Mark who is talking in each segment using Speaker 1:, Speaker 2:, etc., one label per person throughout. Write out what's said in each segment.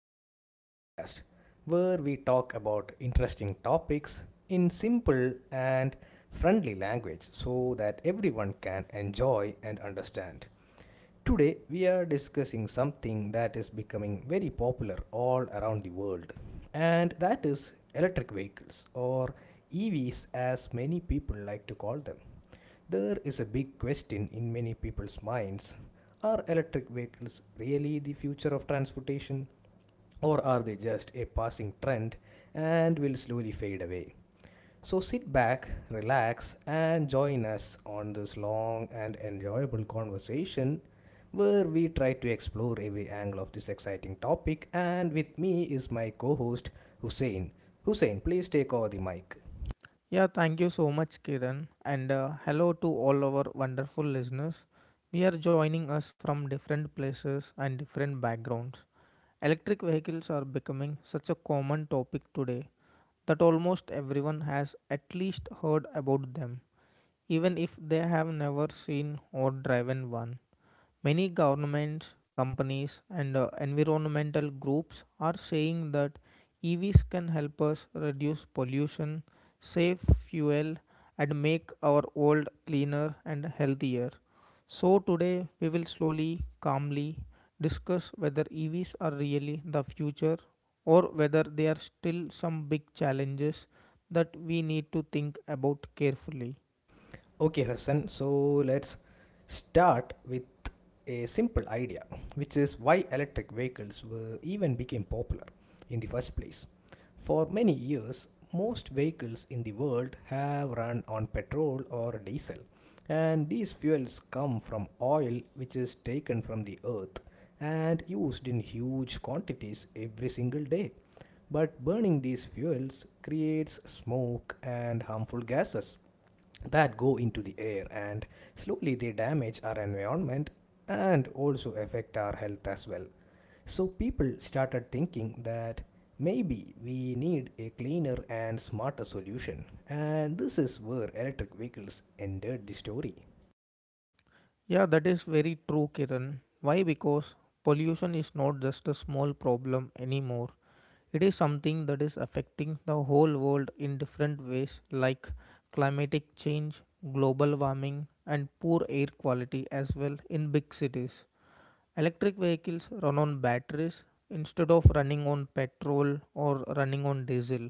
Speaker 1: of our podcast where we talk about interesting topics in simple and friendly language so that everyone can enjoy and understand. Today, we are discussing something that is becoming very popular all around the world, and that is electric vehicles or EVs, as many people like to call them. There is a big question in many people's minds. Are electric vehicles really the future of transportation, or are they just a passing trend and will slowly fade away? So sit back, relax, and join us on this long and enjoyable conversation where we try to explore every angle of this exciting topic. And with me is my co host Hussein. Hussein, please take over the mic.
Speaker 2: Yeah, thank you so much, Kiran, and hello to all our wonderful listeners. We are joining us from different places and different backgrounds. Electric vehicles are becoming such a common topic today that almost everyone has at least heard about them, even if they have never seen or driven one. Many governments, companies, and environmental groups are saying that EVs can help us reduce pollution, save fuel, and make our world cleaner and healthier. So, today we will slowly, calmly discuss whether EVs are really the future or whether there are still some big challenges that we need to think about carefully.
Speaker 1: Okay, Hassan, so let's start with a simple idea, which is why electric vehicles were even became popular in the first place. For many years, most vehicles in the world have run on petrol or diesel, and these fuels come from oil which is taken from the earth and used in huge quantities every single day. But burning these fuels creates smoke and harmful gases that go into the air and slowly they damage our environment and also affect our health as well. So people started thinking that maybe we need a cleaner and smarter solution, and this is where electric vehicles entered the story.
Speaker 2: Yeah, that is very true, Kiran. Why? Because pollution is not just a small problem anymore. It is something that is affecting the whole world in different ways, like climatic change, global warming, and poor air quality as well in big cities. Electric vehicles run on batteries instead of running on petrol or running on diesel,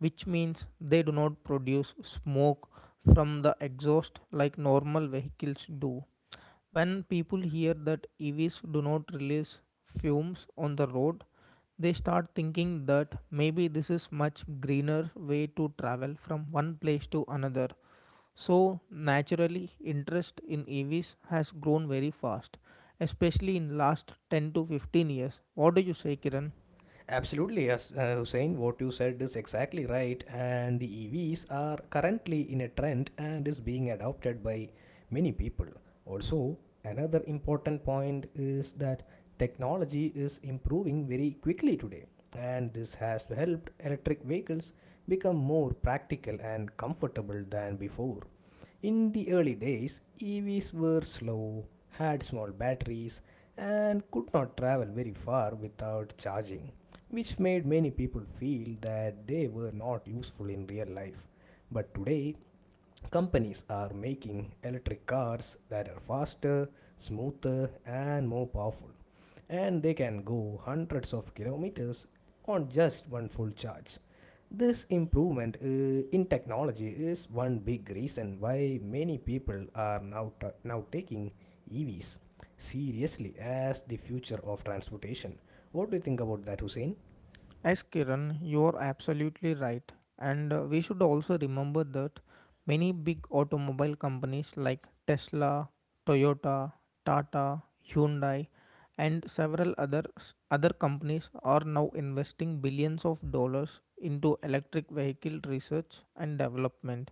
Speaker 2: which means they do not produce smoke from the exhaust like normal vehicles do when people hear that EVs do not release fumes on the road, they start thinking that maybe this is much greener way to travel from one place to another. So naturally interest in EVs has grown very fast, especially in last 10 to 15 years. What do you say, Kiran?
Speaker 1: Absolutely, yes, Hussein. What you said is exactly right, and the EVs are currently in a trend and is being adopted by many people. Also, another important point is that technology is improving very quickly today, and this has helped electric vehicles become more practical and comfortable than before. In the early days, EVs were slow, had small batteries, and could not travel very far without charging, which made many people feel that they were not useful in real life. But today, companies are making electric cars that are faster, smoother, and more powerful, and they can go hundreds of kilometers on just one full charge. This improvement in technology is one big reason why many people are now taking EVs seriously as the future of transportation. What do you think about that, Hussein?
Speaker 2: Yes, Kiran, you are absolutely right. And we should also remember that many big automobile companies like Tesla, Toyota, Tata, Hyundai, and several others, other companies are now investing billions of dollars into electric vehicle research and development.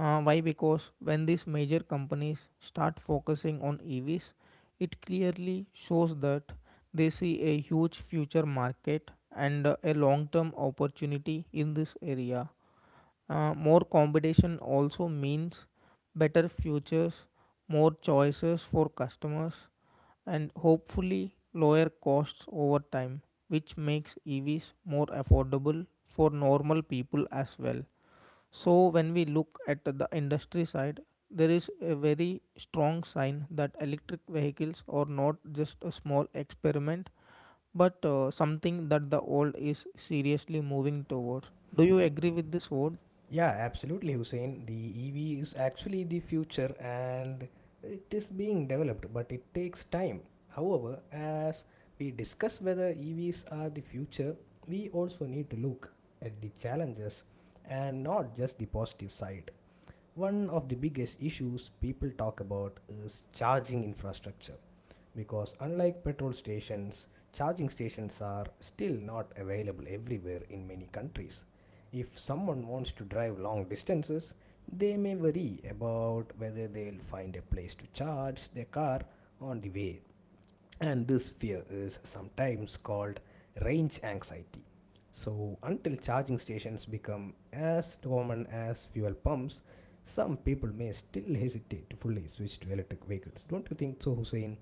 Speaker 2: Why? Because when these major companies start focusing on EVs, it clearly shows that they see a huge future market and a long term opportunity in this area. More competition also means better futures, more choices for customers, and hopefully lower costs over time, which makes EVs more affordable for normal people as well. So, when we look at the industry side, there is a very strong sign that electric vehicles are not just a small experiment, but something that the world is seriously moving towards. Do you agree with this word?
Speaker 1: Yeah, absolutely, Hussein. The EV is actually the future and it is being developed, but it takes time. However, as we discuss whether EVs are the future, we also need to look at the challenges and not just the positive side. One of the biggest issues people talk about is charging infrastructure because unlike petrol stations, charging stations are still not available everywhere in many countries. If someone wants to drive long distances, they may worry about whether they'll find a place to charge their car on the way, and this fear is sometimes called range anxiety. So, until charging stations become as common as fuel pumps, some people may still hesitate to fully switch to electric vehicles. Don't you think so, Hussein?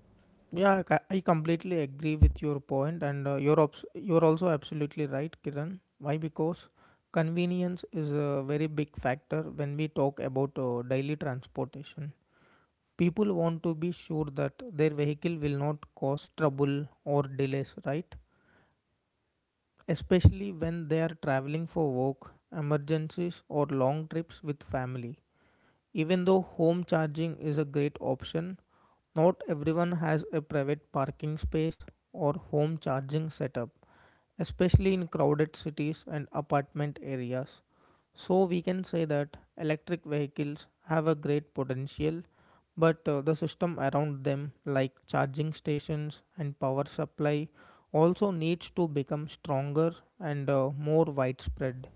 Speaker 2: I completely agree with your point, and you're also absolutely right, Kiran. Why? Because convenience is a very big factor when we talk about daily transportation. People want to be sure that their vehicle will not cause trouble or delays, right? Especially when they are traveling for work, emergencies, or long trips with family. Even though home charging is a great option, not everyone has a private parking space or home charging setup, especially in crowded cities and apartment areas. So we can say that electric vehicles have a great potential, but the system around them, like charging stations and power supply, also needs to become stronger and more widespread.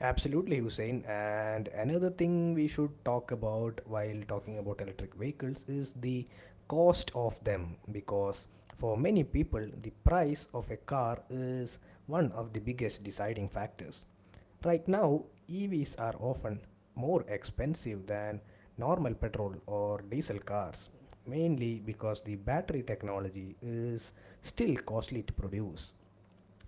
Speaker 1: Absolutely, Hussein. And another thing we should talk about while talking about electric vehicles is the cost of them because for many people, the price of a car is one of the biggest deciding factors. Right now, EVs are often more expensive than normal petrol or diesel cars, mainly because the battery technology is still costly to produce.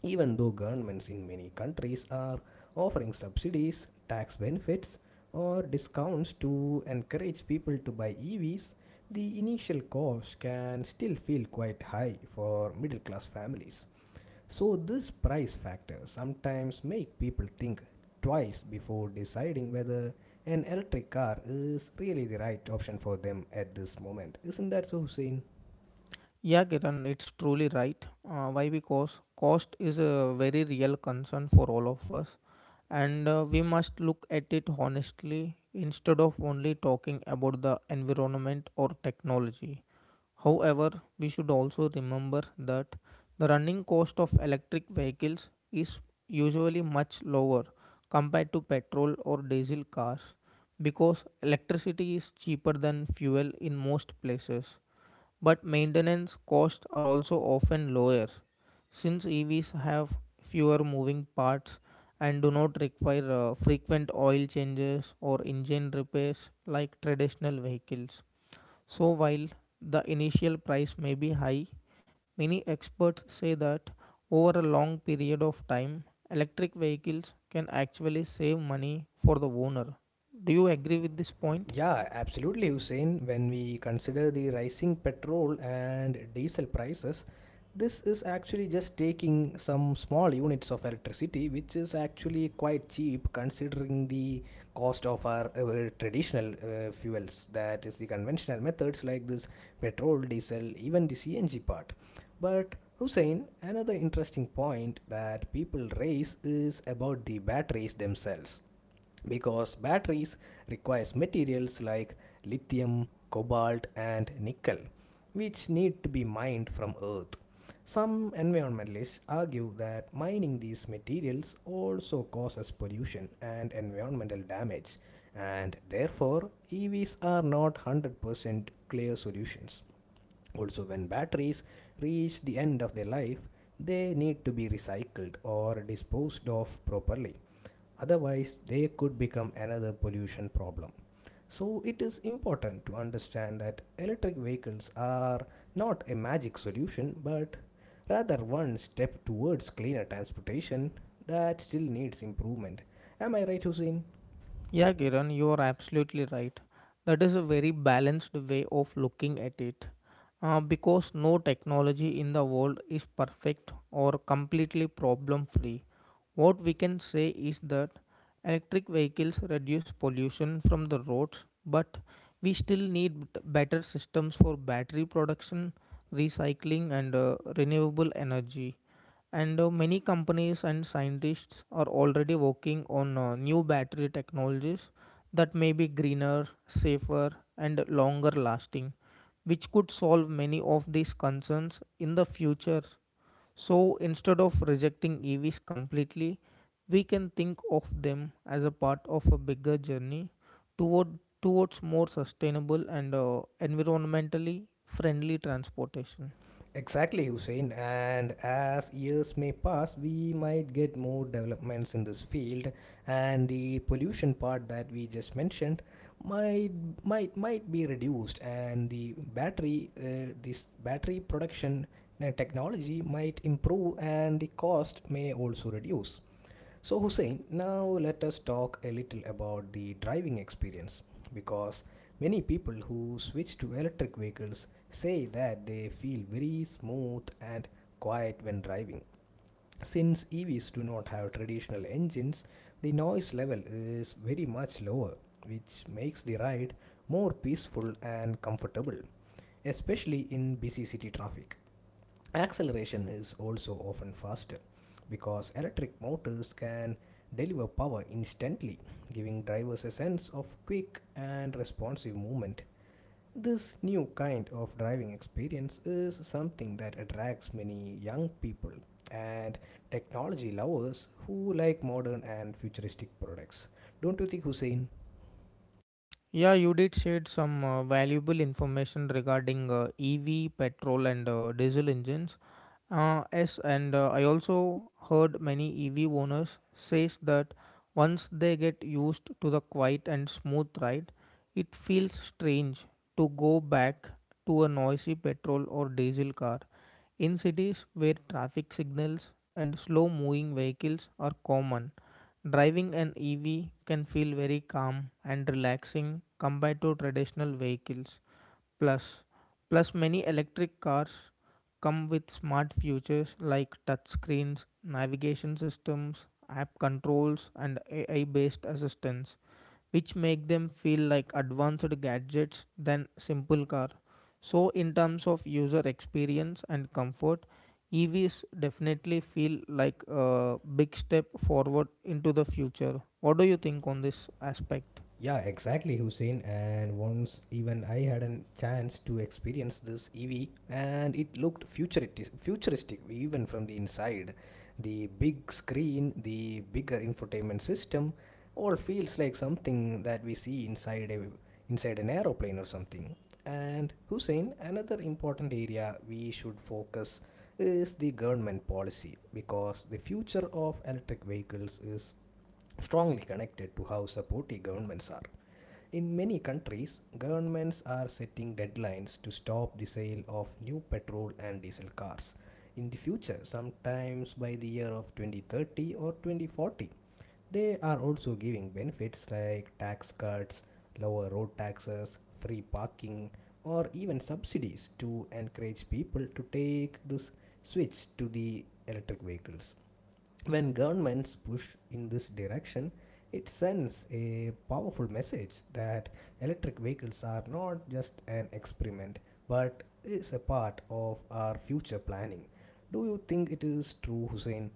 Speaker 1: Even though governments in many countries are offering subsidies, tax benefits, or discounts to encourage people to buy EVs, the initial cost can still feel quite high for middle class families. So, this price factor sometimes make people think twice before deciding whether an electric car is really the right option for them at this moment. Isn't that so, Hussein?
Speaker 2: Yeah, Kiran, it's truly right. Why? Because cost is a very real concern for all of us, and we must look at it honestly instead of only talking about the environment or technology. However, we should also remember that the running cost of electric vehicles is usually much lower compared to petrol or diesel cars because electricity is cheaper than fuel in most places. But maintenance costs are also often lower since EVs have fewer moving parts and do not require frequent oil changes or engine repairs like traditional vehicles. So, while the initial price may be high, many experts say that over a long period of time, electric vehicles can actually save money for the owner. Do you agree with this point?
Speaker 1: Yeah, absolutely, Hussein. When we consider the rising petrol and diesel prices, this is actually just taking some small units of electricity, which is actually quite cheap considering the cost of our traditional fuels, that is, the conventional methods like this petrol, diesel, even the CNG part. But Hussein, another interesting point that people raise is about the batteries themselves because batteries requires materials like lithium cobalt and nickel which need to be mined from earth. Some environmentalists argue that mining these materials also causes pollution and environmental damage, and therefore evs are not 100% clear solutions. Also, when batteries reach the end of their life, they need to be recycled or disposed of properly. Otherwise, they could become another pollution problem. So, it is important to understand that electric vehicles are not a magic solution, but rather one step towards cleaner transportation that still needs improvement. Am I right, Hussein?
Speaker 2: Yeah, Kiran, you are absolutely right. That is a very balanced way of looking at it. Because no technology in the world is perfect or completely problem free. What we can say is that electric vehicles reduce pollution from the roads, but we still need better systems for battery production, recycling, and renewable energy. And many companies and scientists are already working on new battery technologies that may be greener, safer, and longer lasting, which could solve many of these concerns in the future. So instead of rejecting EVs completely, we can think of them as a part of a bigger journey towards more sustainable and environmentally friendly transportation.
Speaker 1: Exactly, Hussein. And as years may pass, we might get more developments in this field, and the pollution part that we just mentioned might might be reduced, and the battery this battery production technology might improve, and the cost may also reduce. So, Hussein, now let us talk a little about the driving experience because many people who switch to electric vehicles say that they feel very smooth and quiet when driving. Since EVs do not have traditional engines, the noise level is very much lower, which makes the ride more peaceful and comfortable, especially in busy city traffic. Acceleration is also often faster because electric motors can deliver power instantly, giving drivers a sense of quick and responsive movement. This new kind of driving experience is something that attracts many young people and technology lovers who like modern and futuristic products. Don't you think, Hussein?
Speaker 2: Yeah, you did shared some valuable information regarding EV, petrol, and diesel engines. Yes, and I also heard many EV owners says that once they get used to the quiet and smooth ride, it feels strange to go back to a noisy petrol or diesel car. In cities where traffic signals and slow moving vehicles are common, driving an EV can feel very calm and relaxing compared to traditional vehicles. Plus, plus, many electric cars come with smart features like touchscreens, navigation systems, app controls, and AI-based assistance, which make them feel like advanced gadgets than simple car. So, in terms of user experience and comfort, EVs definitely feel like a big step forward into the future. What do you think on this aspect?
Speaker 1: Yeah, exactly, Hussein. And once even I had a chance to experience this EV, and it looked futuristic even from the inside. The big screen, the bigger infotainment system, all feels like something that we see inside an aeroplane or something. And Hussein, another important area we should focus is the government policy because the future of electric vehicles is strongly connected to how supportive governments are. In many countries, governments are setting deadlines to stop the sale of new petrol and diesel cars in the future, sometimes by the year of 2030 or 2040. They are also giving benefits like tax cuts, lower road taxes, free parking, or even subsidies to encourage people to take this switch to the electric vehicles. When governments push in this direction, it sends a powerful message that electric vehicles are not just an experiment but is a part of our future planning. Do you think it is true, Hussein?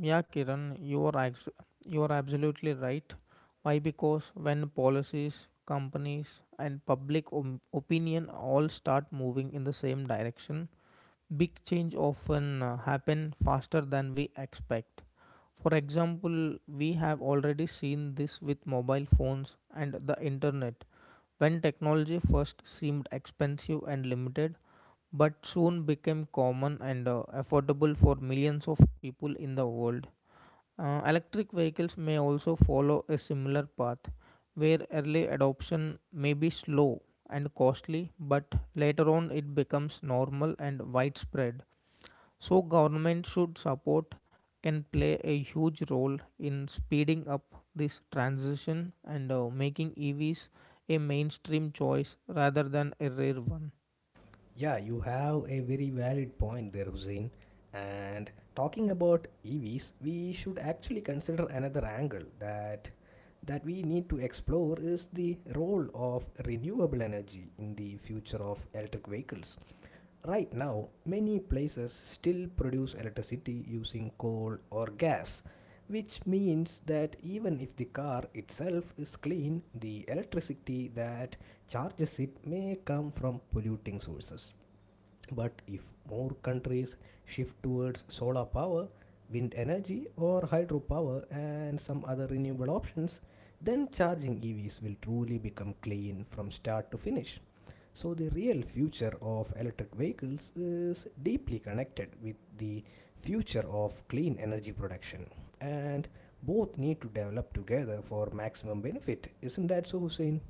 Speaker 2: Yeah, Kiran, you are ex- You are absolutely right. Why? Because when policies, companies, and opinion all start moving in the same direction, big change often happen faster than we expect. For example, we have already seen this with mobile phones and the internet. When technology first seemed expensive and limited, but soon became common and affordable for millions of people in the world. Electric vehicles may also follow a similar path, where early adoption may be slow and costly, but later on it becomes normal and widespread. So, government should support can play a huge role in speeding up this transition and making EVs a mainstream choice rather than a rare one.
Speaker 1: Yeah, you have a very valid point there, Hussein. And talking about EVs, we should actually consider another angle that we need to explore is the role of renewable energy in the future of electric vehicles. Right now, many places still produce electricity using coal or gas, which means that even if the car itself is clean, the electricity that charges it may come from polluting sources. But if more countries shift towards solar power, wind energy, or hydropower and some other renewable options, then charging EVs will truly become clean from start to finish. So, the real future of electric vehicles is deeply connected with the future of clean energy production, and both need to develop together for maximum benefit. Isn't that so, Hussein?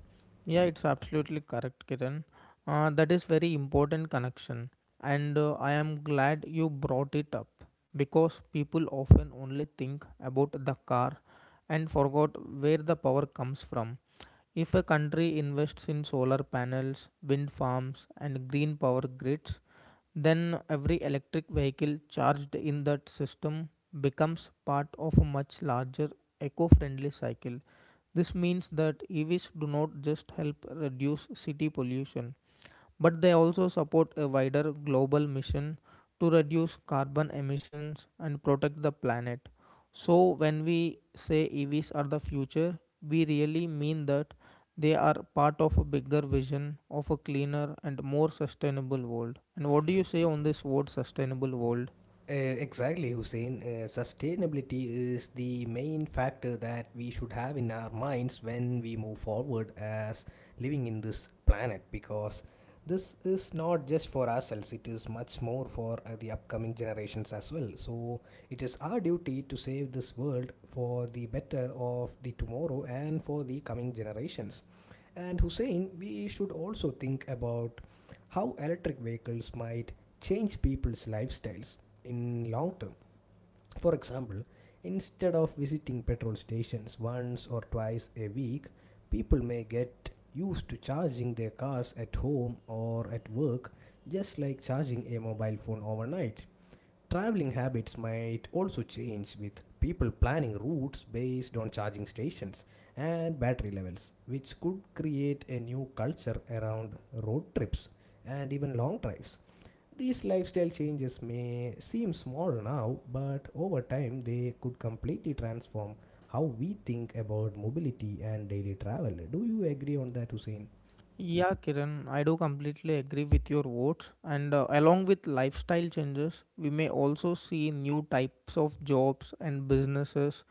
Speaker 2: Yeah, it's absolutely correct, Kiran. That is very important connection, and I am glad you brought it up because people often only think about the car and forgot where the power comes from. If a country invests in solar panels, wind farms, and green power grids, then every electric vehicle charged in that system becomes part of a much larger eco friendly cycle. This means that EVs do not just help reduce city pollution, but they also support a wider global mission to reduce carbon emissions and protect the planet. So, when we say EVs are the future, we really mean that they are part of a bigger vision of a cleaner and more sustainable world. And what do you say on this word sustainable world?
Speaker 1: Exactly, Hussein. Sustainability is the main factor that we should have in our minds when we move forward as living in this planet because this is not just for ourselves, it is much more for the upcoming generations as well. So, it is our duty to save this world for the better of the tomorrow and for the coming generations. And Hussein, we should also think about how electric vehicles might change people's lifestyles in long term. For example, instead of visiting petrol stations once or twice a week, people may get used to charging their cars at home or at work, just like charging a mobile phone overnight. Traveling habits might also change with people planning routes based on charging stations and battery levels, which could create a new culture around road trips and even long drives. These lifestyle changes may seem small now, but over time they could completely transform how we think about mobility and daily travel. Do you agree on that, Hussein?
Speaker 2: Yeah, Kiran, I do completely agree with your words. And along with lifestyle changes, we may also see new types of jobs and businesses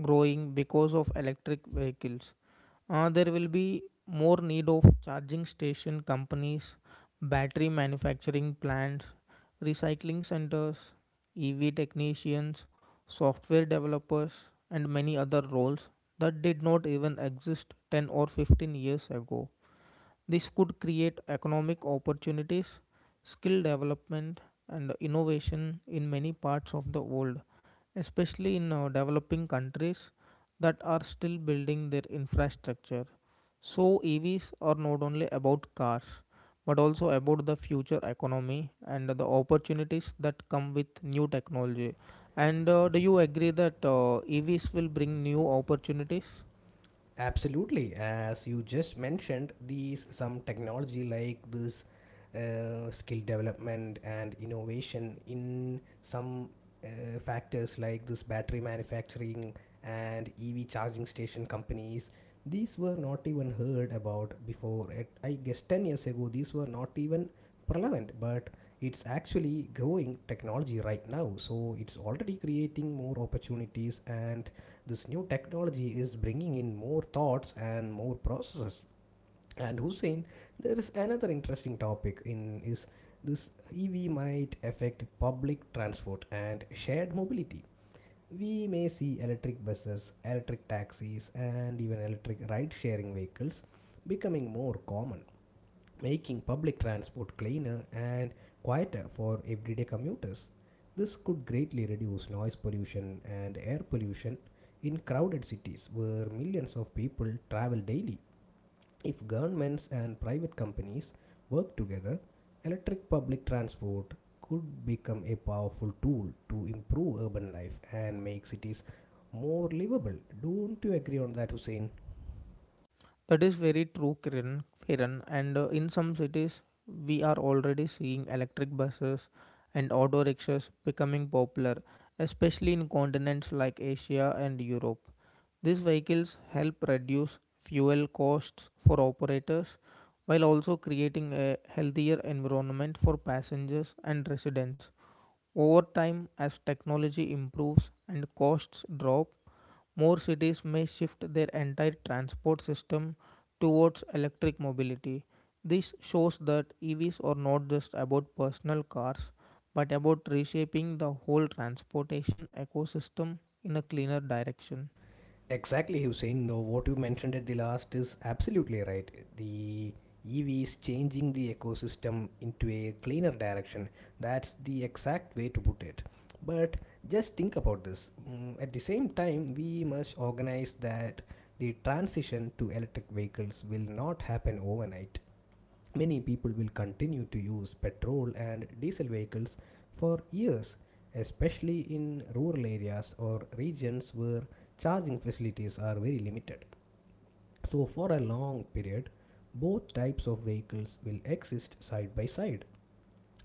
Speaker 2: growing because of electric vehicles. There will be more need of charging station companies, battery manufacturing plants, recycling centers, EV technicians, software developers, and many other roles that did not even exist 10 or 15 years ago. This could create economic opportunities, skill development, and innovation in many parts of the world, especially in developing countries that are still building their infrastructure. So, EVs are not only about cars but also about the future economy and the opportunities that come with new technology. And do you agree that EVs will bring new opportunities?
Speaker 1: Absolutely. As you just mentioned, these some technology like this skill development and innovation in some factors like this battery manufacturing and EV charging station companies. These were not even heard about before. At, I guess 10 years ago, these were not even prevalent, but it's actually growing technology right now. So it's already creating more opportunities and this new technology is bringing in more thoughts and more processes. And Hussein, there is another interesting topic in is this EV might affect public transport and shared mobility. We may see electric buses, electric taxis, and even electric ride sharing vehicles becoming more common, making public transport cleaner and quieter for everyday commuters. This could greatly reduce noise pollution and air pollution in crowded cities where millions of people travel daily. If governments and private companies work together, electric public transport could become a powerful tool to improve urban life and make cities more livable. Don't you agree on that, Hussein?
Speaker 2: That is very true, Kiran. And in some cities, we are already seeing electric buses and auto rickshaws becoming popular, especially in continents like Asia and Europe. These vehicles help reduce fuel costs for operators while also creating a healthier environment for passengers and residents. Over time, as technology improves and costs drop, more cities may shift their entire transport system towards electric mobility. This shows that EVs are not just about personal cars, but about reshaping the whole transportation ecosystem in a cleaner direction.
Speaker 1: Exactly, Hussein. No, what you mentioned at the last is absolutely right. The EV is changing the ecosystem into a cleaner direction. That's the exact way to put it. But just think about this. At the same time, we must organize that the transition to electric vehicles will not happen overnight. Many people will continue to use petrol and diesel vehicles for years, especially in rural areas or regions where charging facilities are very limited. So, for a long period, both types of vehicles will exist side by side,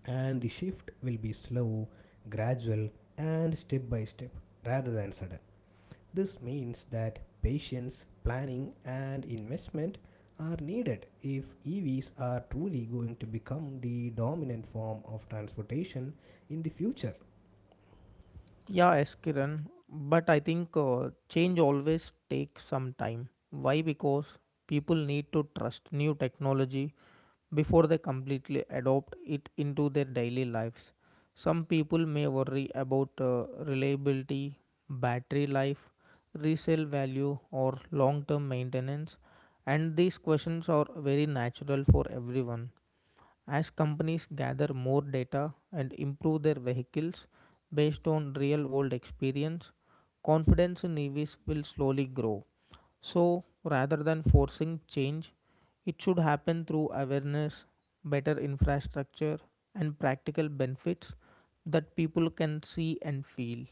Speaker 1: and the shift will be slow, gradual, and step by step rather than sudden. This means that patience, planning, and investment are needed if EVs are truly going to become the dominant form of transportation in the future.
Speaker 2: Yeah, yes, Kiran. But I think change always takes some time. Why? Because people need to trust new technology before they completely adopt it into their daily lives. Some people may worry about reliability, battery life, resale value, or long term maintenance, and these questions are very natural for everyone. As companies gather more data and improve their vehicles based on real world experience, confidence in EVs will slowly grow. So, rather than forcing change, it should happen through awareness, better infrastructure, and practical benefits that people can see and feel.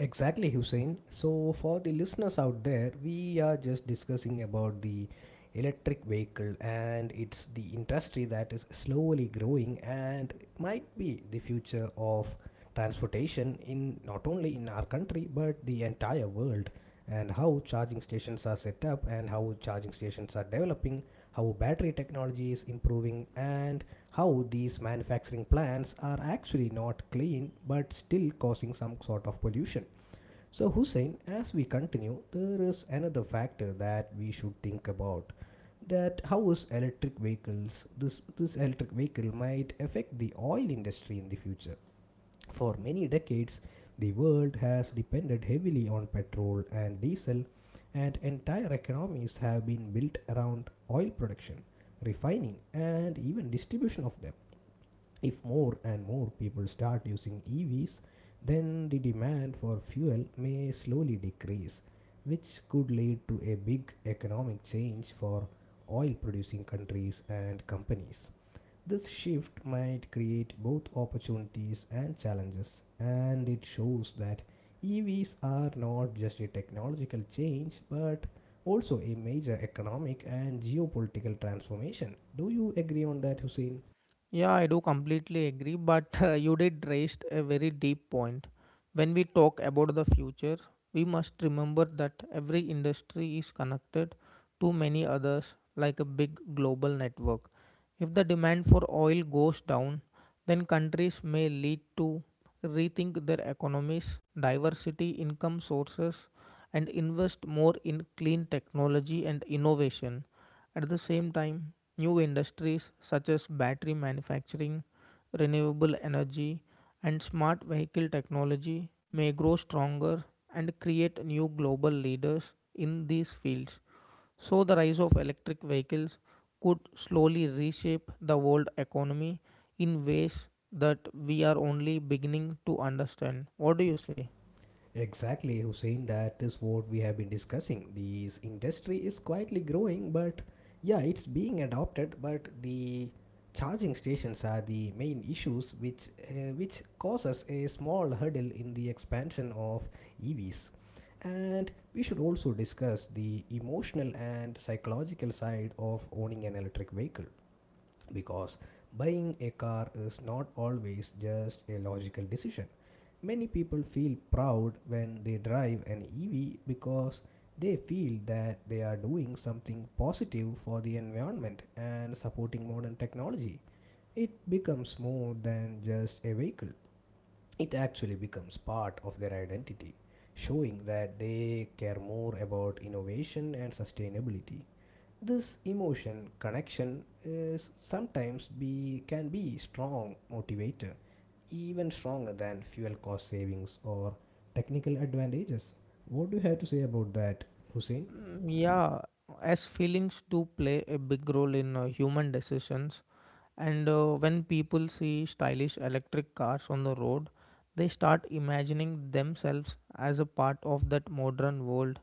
Speaker 1: Exactly, Hussein. So, for the listeners out there, we are just discussing about the electric vehicle, and it's the industry that is slowly growing and might be the future of transportation, in not only in our country but the entire world, and how charging stations are set up, and how charging stations are developing, how battery technology is improving, and how these manufacturing plants are actually not clean but still causing some sort of pollution. So, Hussein, as we continue, there is another factor that we should think about, that how is electric vehicles, this electric vehicle might affect the oil industry in the future. For many decades, the world has depended heavily on petrol and diesel, and entire economies have been built around oil production, refining, and even distribution of them. If more and more people start using EVs, then the demand for fuel may slowly decrease, which could lead to a big economic change for oil producing countries and companies. This shift might create both opportunities and challenges, and it shows that EVs are not just a technological change but also a major economic and geopolitical transformation. Do you agree on that, Hussein?
Speaker 2: Yeah, I do completely agree, but you did raise a very deep point. When we talk about the future, we must remember that every industry is connected to many others like a big global network. If the demand for oil goes down, then countries may lead to rethink their economies, diversity income sources, and invest more in clean technology and innovation. At the same time, new industries such as battery manufacturing, renewable energy, and smart vehicle technology may grow stronger and create new global leaders in these fields. So, the rise of electric vehicles could slowly reshape the world economy in ways that we are only beginning to understand. What do you say?
Speaker 1: Exactly, Hussein. That is what we have been discussing. This industry is quietly growing, but yeah, it's being adopted. But the charging stations are the main issues, which causes a small hurdle in the expansion of EVs. And we should also discuss the emotional and psychological side of owning an electric vehicle, because buying a car is not always just a logical decision. Many people feel proud when they drive an EV because they feel that they are doing something positive for the environment and supporting modern technology. It becomes more than just a vehicle, it actually becomes part of their identity, showing that they care more about innovation and sustainability. This emotion connection is sometimes be can be strong motivator, even stronger than fuel cost savings or technical advantages. What do you have to say about that, Hussein?
Speaker 2: Yeah, as feelings do play a big role in human decisions. And When people see stylish electric cars on the road, they start imagining themselves as a part of that modern world.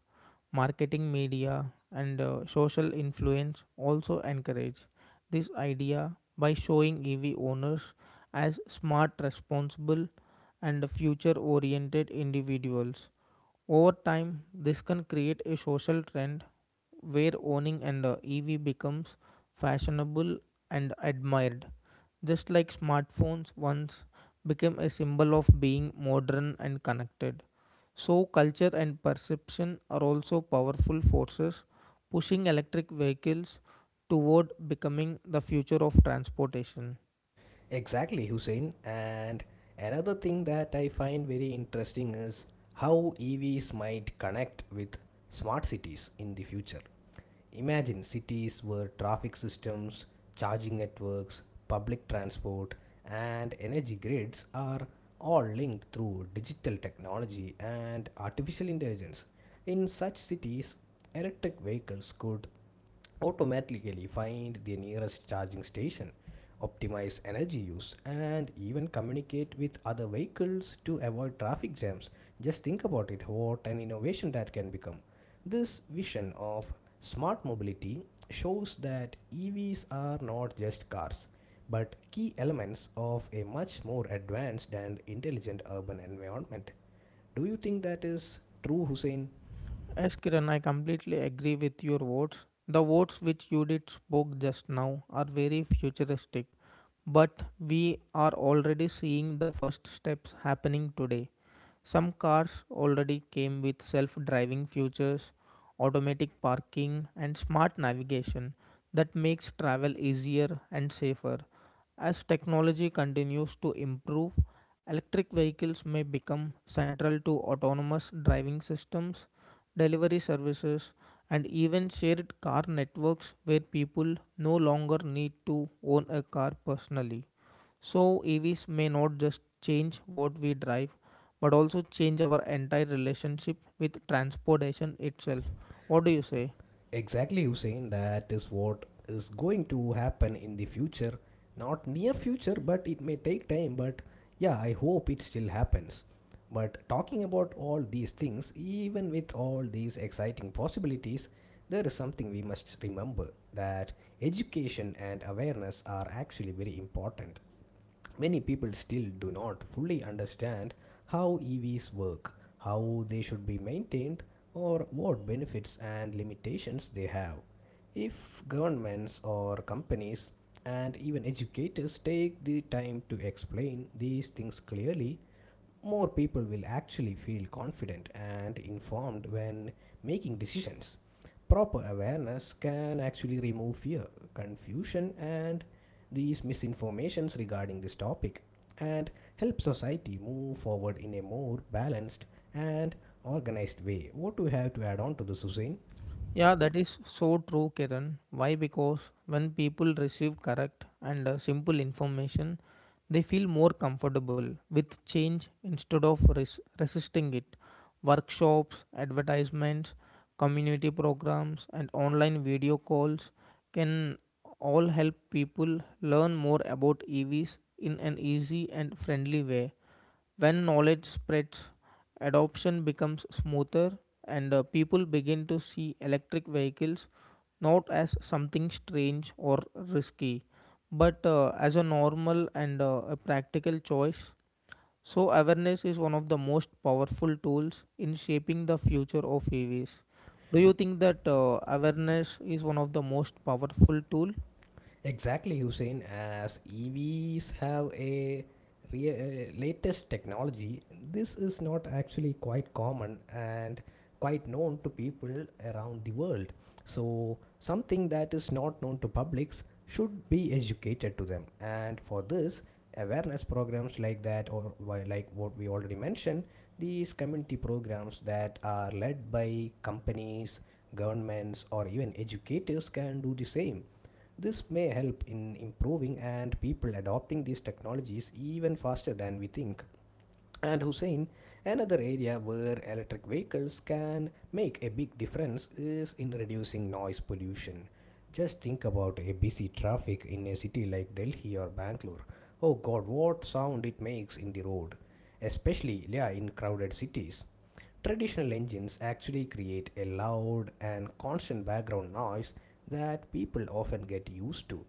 Speaker 2: Marketing, media, and social influence also encourage this idea by showing EV owners as smart, responsible, and future oriented individuals. Over time, this can create a social trend where owning an EV becomes fashionable and admired, just like smartphones once became a symbol of being modern and connected. So, culture and perception are also powerful forces pushing electric vehicles toward becoming the future of transportation.
Speaker 1: Exactly, Hussein. And another thing that I find very interesting is how EVs might connect with smart cities in the future. Imagine cities where traffic systems, charging networks, public transport, and energy grids are all linked through digital technology and artificial intelligence. In such cities, electric vehicles could automatically find the nearest charging station, optimize energy use, and even communicate with other vehicles to avoid traffic jams. Just think about it, what an innovation that can become. This vision of smart mobility shows that EVs are not just cars, but key elements of a much more advanced and intelligent urban environment. Do you think that is true, Hussein?
Speaker 2: Yes, Kiran, I completely agree with your words. The words which you did spoke just now are very futuristic, but we are already seeing the first steps happening today. Some cars already came with self driving features, automatic parking, and smart navigation that makes travel easier and safer. As technology continues to improve, electric vehicles may become central to autonomous driving systems, delivery services, and even shared car networks where people no longer need to own a car personally. So, EVs may not just change what we drive, but also change our entire relationship with transportation itself. What do you say?
Speaker 1: Exactly, Hussein. That is what is going to happen in the future. Not near future, but it may take time. But yeah, I hope it still happens. But talking about all these things, even with all these exciting possibilities, there is something we must remember, that education and awareness are actually very important. Many people still do not fully understand how EVs work, how they should be maintained, or what benefits and limitations they have. If governments or companies and even educators take the time to explain these things clearly, more people will actually feel confident and informed when making decisions. Proper awareness can actually remove fear, confusion, and these misinformations regarding this topic, and help society move forward in a more balanced and organized way. What do you have to add on to this, Hussein?
Speaker 2: Yeah, that is so true, Kiran. Why? Because when people receive correct and simple information, they feel more comfortable with change instead of resisting it. Workshops, advertisements, community programs, and online video calls can all help people learn more about EVs in an easy and friendly way. When knowledge spreads, adoption becomes smoother and people begin to see electric vehicles not as something strange or risky, but as a normal and a practical choice. So, awareness is one of the most powerful tools in shaping the future of EVs. Do you think that awareness is one of the most powerful tool?
Speaker 1: Exactly, Hussein. As EVs have a latest technology, this is not actually quite common and quite known to people around the world. So, something that is not known to publics should be educated to them. And for this, awareness programs like that, or like what we already mentioned, these community programs that are led by companies, governments, or even educators can do the same. This may help in improving and people adopting these technologies even faster than we think. And Hussein, another area where electric vehicles can make a big difference is in reducing noise pollution. Just think about a busy traffic in a city like Delhi or Bangalore. Oh god, what sound it makes in the road, especially yeah, in crowded cities. Traditional engines actually create a loud and constant background noise that people often get used to.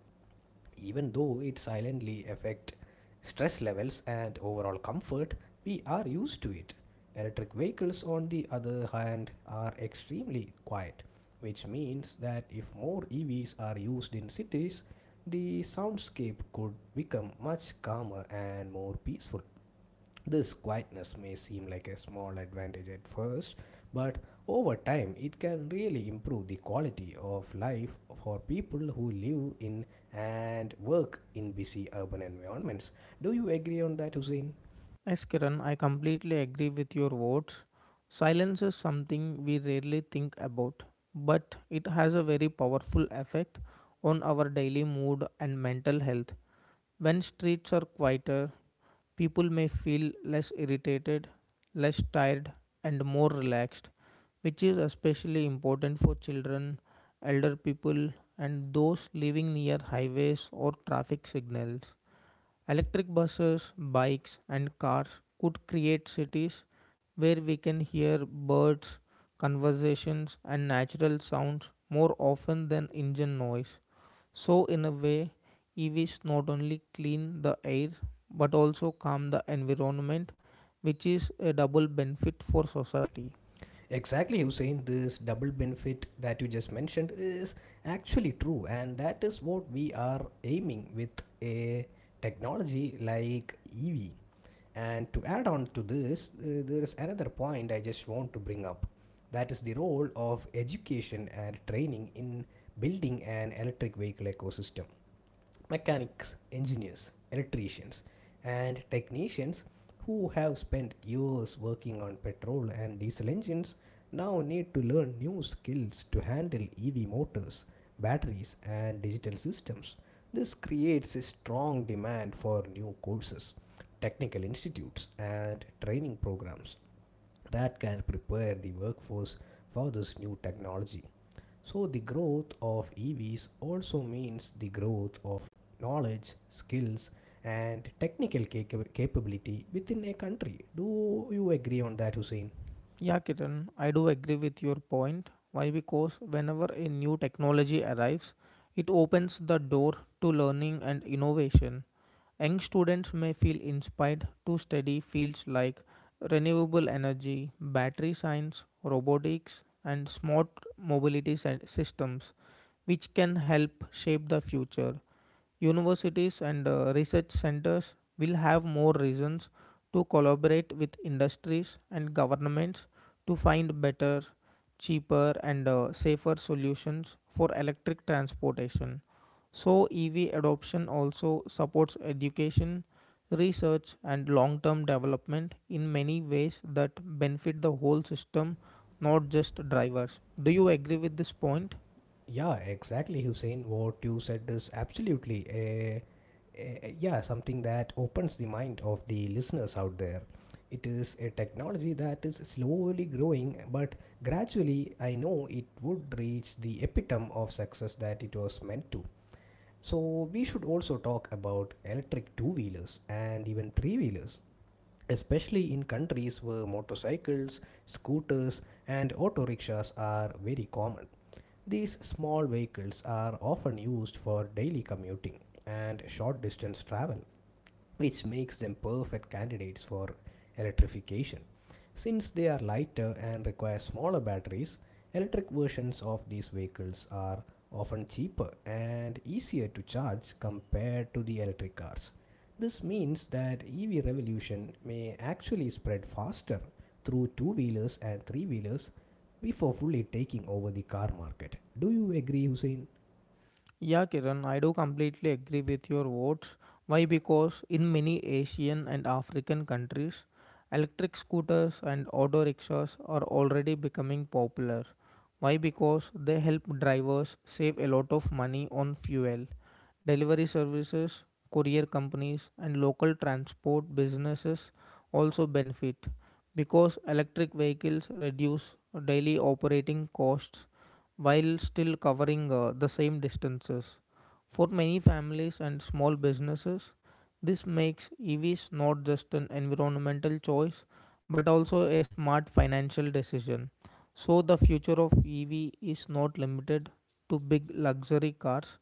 Speaker 1: Even though it silently affect stress levels and overall comfort, we are used to it. Electric vehicles, on the other hand, are extremely quiet, which means that if more EVs are used in cities, the soundscape could become much calmer and more peaceful. This quietness may seem like a small advantage at first, but over time it can really improve the quality of life for people who live in and work in busy urban environments. Do you agree on that, Hussein?
Speaker 2: Yes, Kiran, I completely agree with your words. Silence is something we rarely think about, but it has a very powerful effect on our daily mood and mental health. When streets are quieter, people may feel less irritated, less tired, and more relaxed, which is especially important for children, elder people, and those living near highways or traffic signals. Electric buses, bikes, and cars could create cities where we can hear birds, conversations, and natural sounds more often than engine noise. So, in a way, EVs not only clean the air but also calm the environment, which is a double benefit for society.
Speaker 1: Exactly, Hussein. This double benefit that you just mentioned is actually true, and that is what we are aiming with a technology like EV. And to add on to this, there is another point I just want to bring up, that is the role of education and training in building an electric vehicle ecosystem. Mechanics, engineers, electricians, and technicians who have spent years working on petrol and diesel engines now need to learn new skills to handle EV motors, batteries, and digital systems. This creates a strong demand for new courses, technical institutes, and training programs that can prepare the workforce for this new technology. So, the growth of EVs also means the growth of knowledge, skills, and technical capability within a country. Do you agree on that, Hussein?
Speaker 2: Yeah, Kiran, I do agree with your point. Why? Because whenever a new technology arrives, it opens the door to learning and innovation. Young students may feel inspired to study fields like renewable energy, battery science, robotics, and smart mobility systems, which can help shape the future. Universities and research centers will have more reasons to collaborate with industries and governments to find better, cheaper, and safer solutions for electric transportation. So, EV adoption also supports education, research, and long term development in many ways that benefit the whole system, not just drivers. Do you agree with this point?
Speaker 1: Yeah, exactly, Hussein. What you said is absolutely a yeah, something that opens the mind of the listeners out there. It is a technology that is slowly growing, but gradually I know it would reach the epitome of success that it was meant to. So, we should also talk about electric two wheelers and even three wheelers, especially in countries where motorcycles, scooters, and auto rickshaws are very common. These small vehicles are often used for daily commuting and short distance travel, which makes them perfect candidates for electrification. Since they are lighter and require smaller batteries, electric versions of these vehicles are often cheaper and easier to charge compared to the electric cars. This means that EV revolution may actually spread faster through two-wheelers and three-wheelers before fully taking over the car market. Do you agree, Hussein?
Speaker 2: Yeah, Kiran, I do completely agree with your words. Why? Because in many Asian and African countries, electric scooters and auto rickshaws are already becoming popular. Why? Because they help drivers save a lot of money on fuel. Delivery services, courier companies, and local transport businesses also benefit because electric vehicles reduce daily operating costs while still covering the same distances. For many families and small businesses, this makes EVs not just an environmental choice but also a smart financial decision. So, the future of EV is not limited to big luxury cars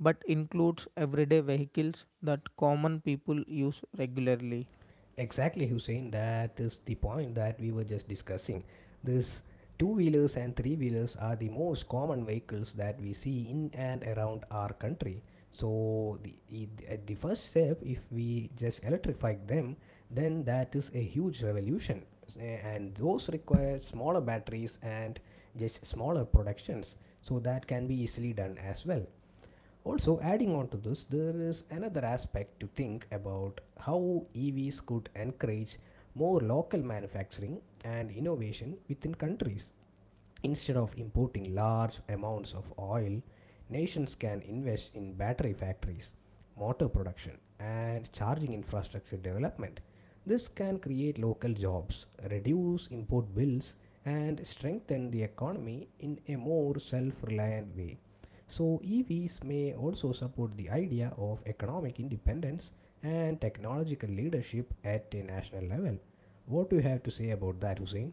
Speaker 2: but includes everyday vehicles that common people use regularly.
Speaker 1: Exactly, Hussein. That is the point that we were just discussing. This two wheelers and three wheelers are the most common vehicles that we see in and around our country. So, it- at the first step, if we just electrify them, then that is a huge revolution. And those require smaller batteries and just smaller productions. So, that can be easily done as well. Also, adding on to this, there is another aspect to think about, how EVs could encourage more local manufacturing and innovation within countries. Instead of importing large amounts of oil, nations can invest in battery factories, motor production, and charging infrastructure development. This can create local jobs, reduce import bills, and strengthen the economy in a more self reliant way. So, EVs may also support the idea of economic independence and technological leadership at a national level. What do you have to say about that, Hussein?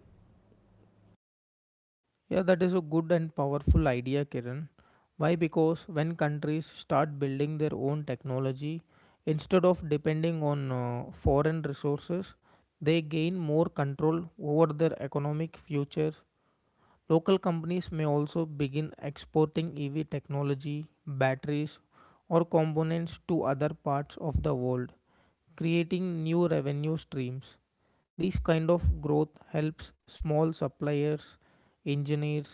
Speaker 2: Yeah, that is a good and powerful idea, Kiran. Why? Because when countries start building their own technology instead of depending on foreign resources, they gain more control over their economic future. Local companies may also begin exporting EV technology, batteries, or components to other parts of the world, creating new revenue streams. This kind of growth helps small suppliers, engineers,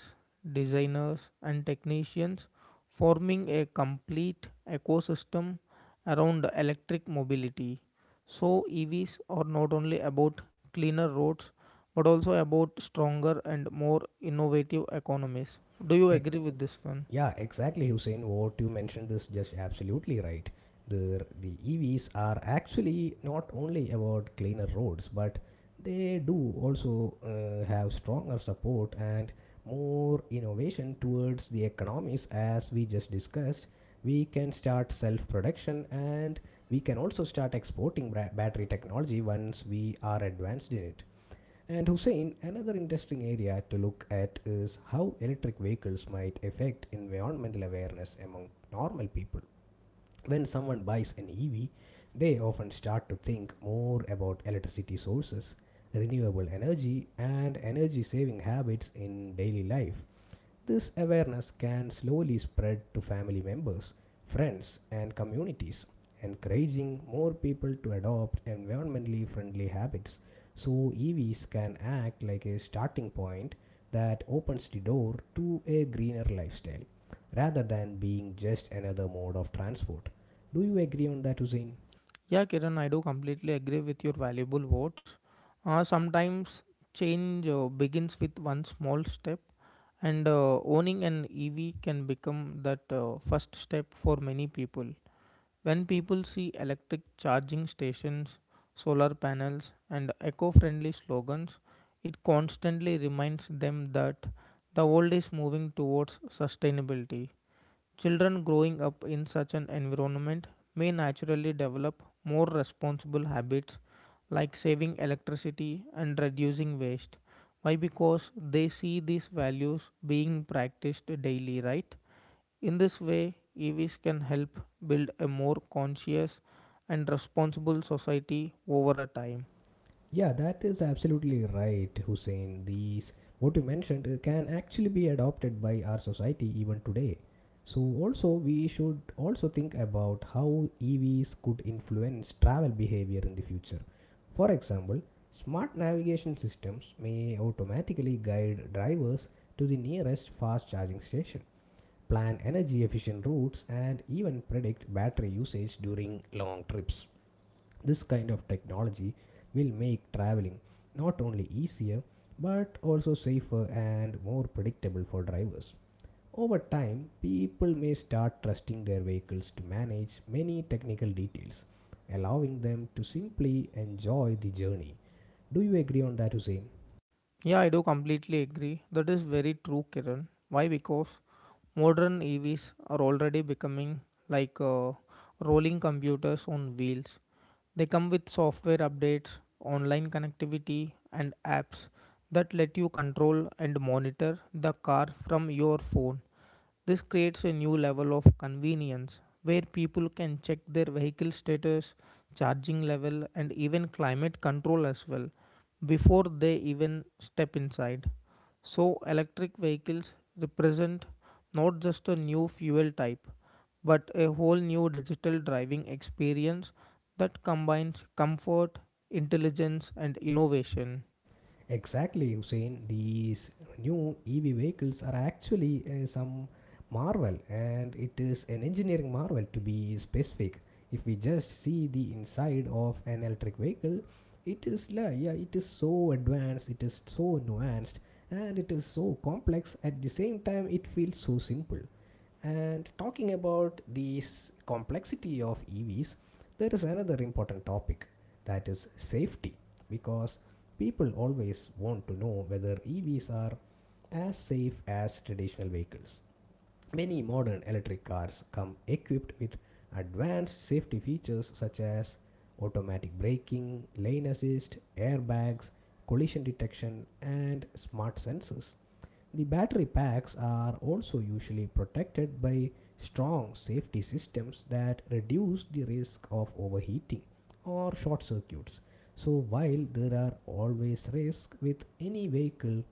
Speaker 2: designers, and technicians forming a complete ecosystem around electric mobility. So, EVs are not only about cleaner roads but also about stronger and more innovative economies. Do you
Speaker 1: A
Speaker 2: agree with this one?
Speaker 1: Yeah, exactly, Hussein. What you mentioned is just absolutely right. The EVs are actually not only about cleaner roads, but they do also have stronger support and more innovation towards the economies, as we just discussed. We can start self production, and we can also start exporting battery technology once we are advanced in it. And Hussein, another interesting area to look at is how electric vehicles might affect environmental awareness among normal people. When someone buys an EV, they often start to think more about electricity sources, renewable energy, and energy saving habits in daily life. This awareness can slowly spread to family members, friends, and communities, encouraging more people to adopt environmentally friendly habits. So, EVs can act like a starting point that opens the door to a greener lifestyle rather than being just another mode of transport. Do you agree on that, Hussein?
Speaker 2: Yeah, Kiran, I do completely agree with your valuable words. Sometimes change begins with one small step, and owning an EV can become that first step for many people. When people see electric charging stations, solar panels, and eco friendly slogans, it constantly reminds them that the world is moving towards sustainability. Children growing up in such an environment may naturally develop more responsible habits like saving electricity and reducing waste. Why? Because they see these values being practiced daily, right? In this way, EVs can help build a more conscious and responsible society over a time.
Speaker 1: Yeah, that is absolutely right, Hussein. These, what you mentioned, can actually be adopted by our society even today. So, also, we should also think about how EVs could influence travel behavior in the future. For example, smart navigation systems may automatically guide drivers to the nearest fast charging station, plan energy efficient routes, and even predict battery usage during long trips. This kind of technology will make traveling not only easier but also safer and more predictable for drivers. Over time, people may start trusting their vehicles to manage many technical details, allowing them to simply enjoy the journey. Do you agree on that, Hussein?
Speaker 2: Yeah, I do completely agree. That is very true, Kiran. Why? Because modern EVs are already becoming like rolling computers on wheels. They come with software updates, online connectivity, and apps that let you control and monitor the car from your phone. This creates a new level of convenience where people can check their vehicle status, charging level, and even climate control as well before they even step inside. So, electric vehicles represent not just a new fuel type but a whole new digital driving experience that combines comfort, intelligence, and innovation.
Speaker 1: Exactly, Hussein. These new EV vehicles are actually some marvel, and it is an engineering marvel to be specific. If we just see the inside of an electric vehicle, yeah, it is so advanced, it is so nuanced, and it is so complex. At the same time, it feels so simple. And talking about this complexity of EVs, there is another important topic, that is safety, because people always want to know whether EVs are as safe as traditional vehicles. Many modern electric cars come equipped with advanced safety features such as automatic braking, lane assist, airbags, collision detection, and smart sensors. The battery packs are also usually protected by strong safety systems that reduce the risk of overheating or short circuits. So, while there are always risks with any vehicle,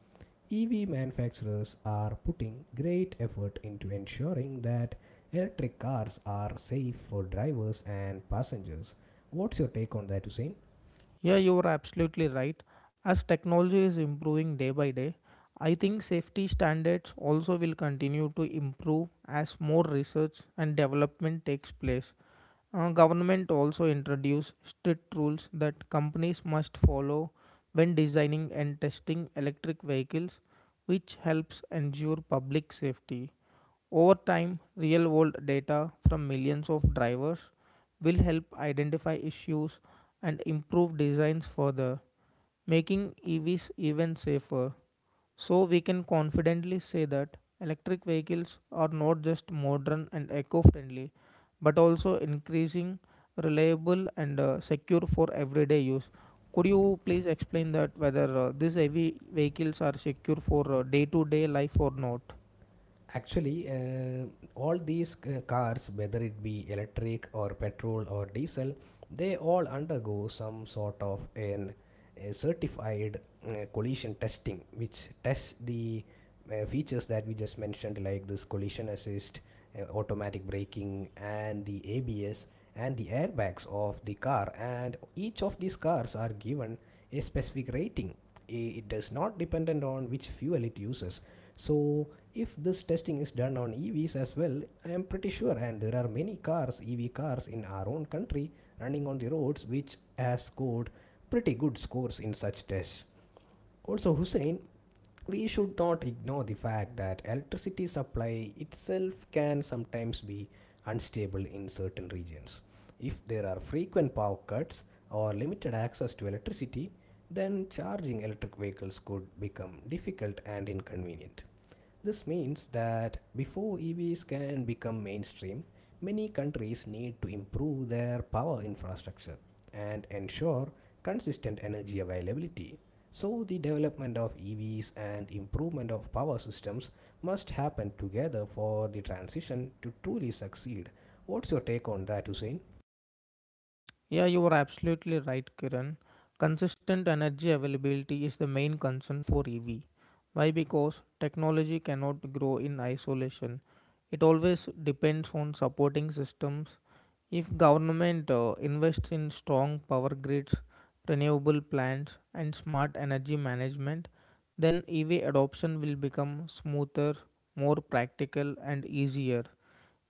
Speaker 1: EV manufacturers are putting great effort into ensuring that electric cars are safe for drivers and passengers. What's your take on that, Hussein?
Speaker 2: Yeah, you are absolutely right. As technology is improving day by day, I think safety standards also will continue to improve as more research and development takes place. Government also introduce strict rules that companies must follow when designing and testing electric vehicles, which helps ensure public safety. Over time, real world data from millions of drivers will help identify issues and improve designs further, making EVs even safer. So, we can confidently say that electric vehicles are not just modern and eco friendly, but also increasing reliable and secure for everyday use. Could you please explain that whether these heavy vehicles are secure for day to day life or not?
Speaker 1: Actually, all these cars, whether it be electric or petrol or diesel, they all undergo some sort of an a certified collision testing, which tests the features that we just mentioned, like this collision assist, automatic braking, and the ABS and the airbags of the car. And each of these cars are given a specific rating. It does not dependent on which fuel it uses. So if this testing is done on EVs as well, I am pretty sure, and there are many cars, EV cars in our own country running on the roads which has scored pretty good scores in such tests. Also, Hussein, we should not ignore the fact that electricity supply itself can sometimes be unstable in certain regions. If there are frequent power cuts or limited access to electricity, then charging electric vehicles could become difficult and inconvenient. This means that before EVs can become mainstream, many countries need to improve their power infrastructure and ensure consistent energy availability. So, the development of EVs and improvement of power systems must happen together for the transition to truly succeed. What's your take on that, Hussein?
Speaker 2: Yeah, you are absolutely right, Kiran. Consistent energy availability is the main concern for EV. Why? Because technology cannot grow in isolation. It always depends on supporting systems. If government invests in strong power grids, renewable plants, and smart energy management, then EV adoption will become smoother, more practical, and easier.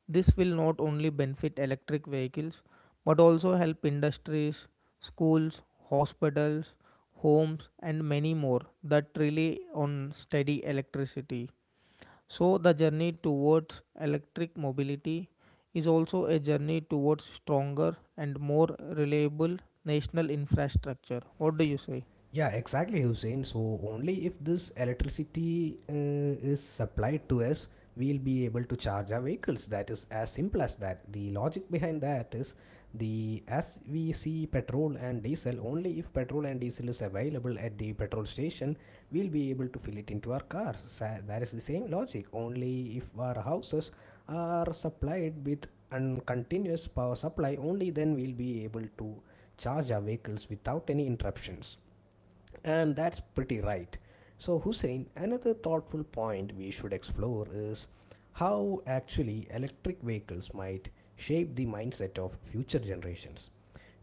Speaker 2: This will not only benefit electric vehicles but also help industries, schools, hospitals, homes, and many more that rely on steady electricity. So, the journey towards electric mobility is also a journey towards stronger and more reliable national infrastructure. What do you say?
Speaker 1: Yeah, exactly, Hussein. So, only if this electricity is supplied to us, we'll be able to charge our vehicles. That is as simple as that. The logic behind that is the as we see petrol and diesel, only if petrol and diesel is available at the petrol station, we'll be able to fill it into our cars. That is the same logic. Only if our houses are supplied with continuous power supply, only then we'll be able to charge our vehicles without any interruptions, and that's pretty right. So, Hussein, another thoughtful point we should explore is how actually electric vehicles might shape the mindset of future generations.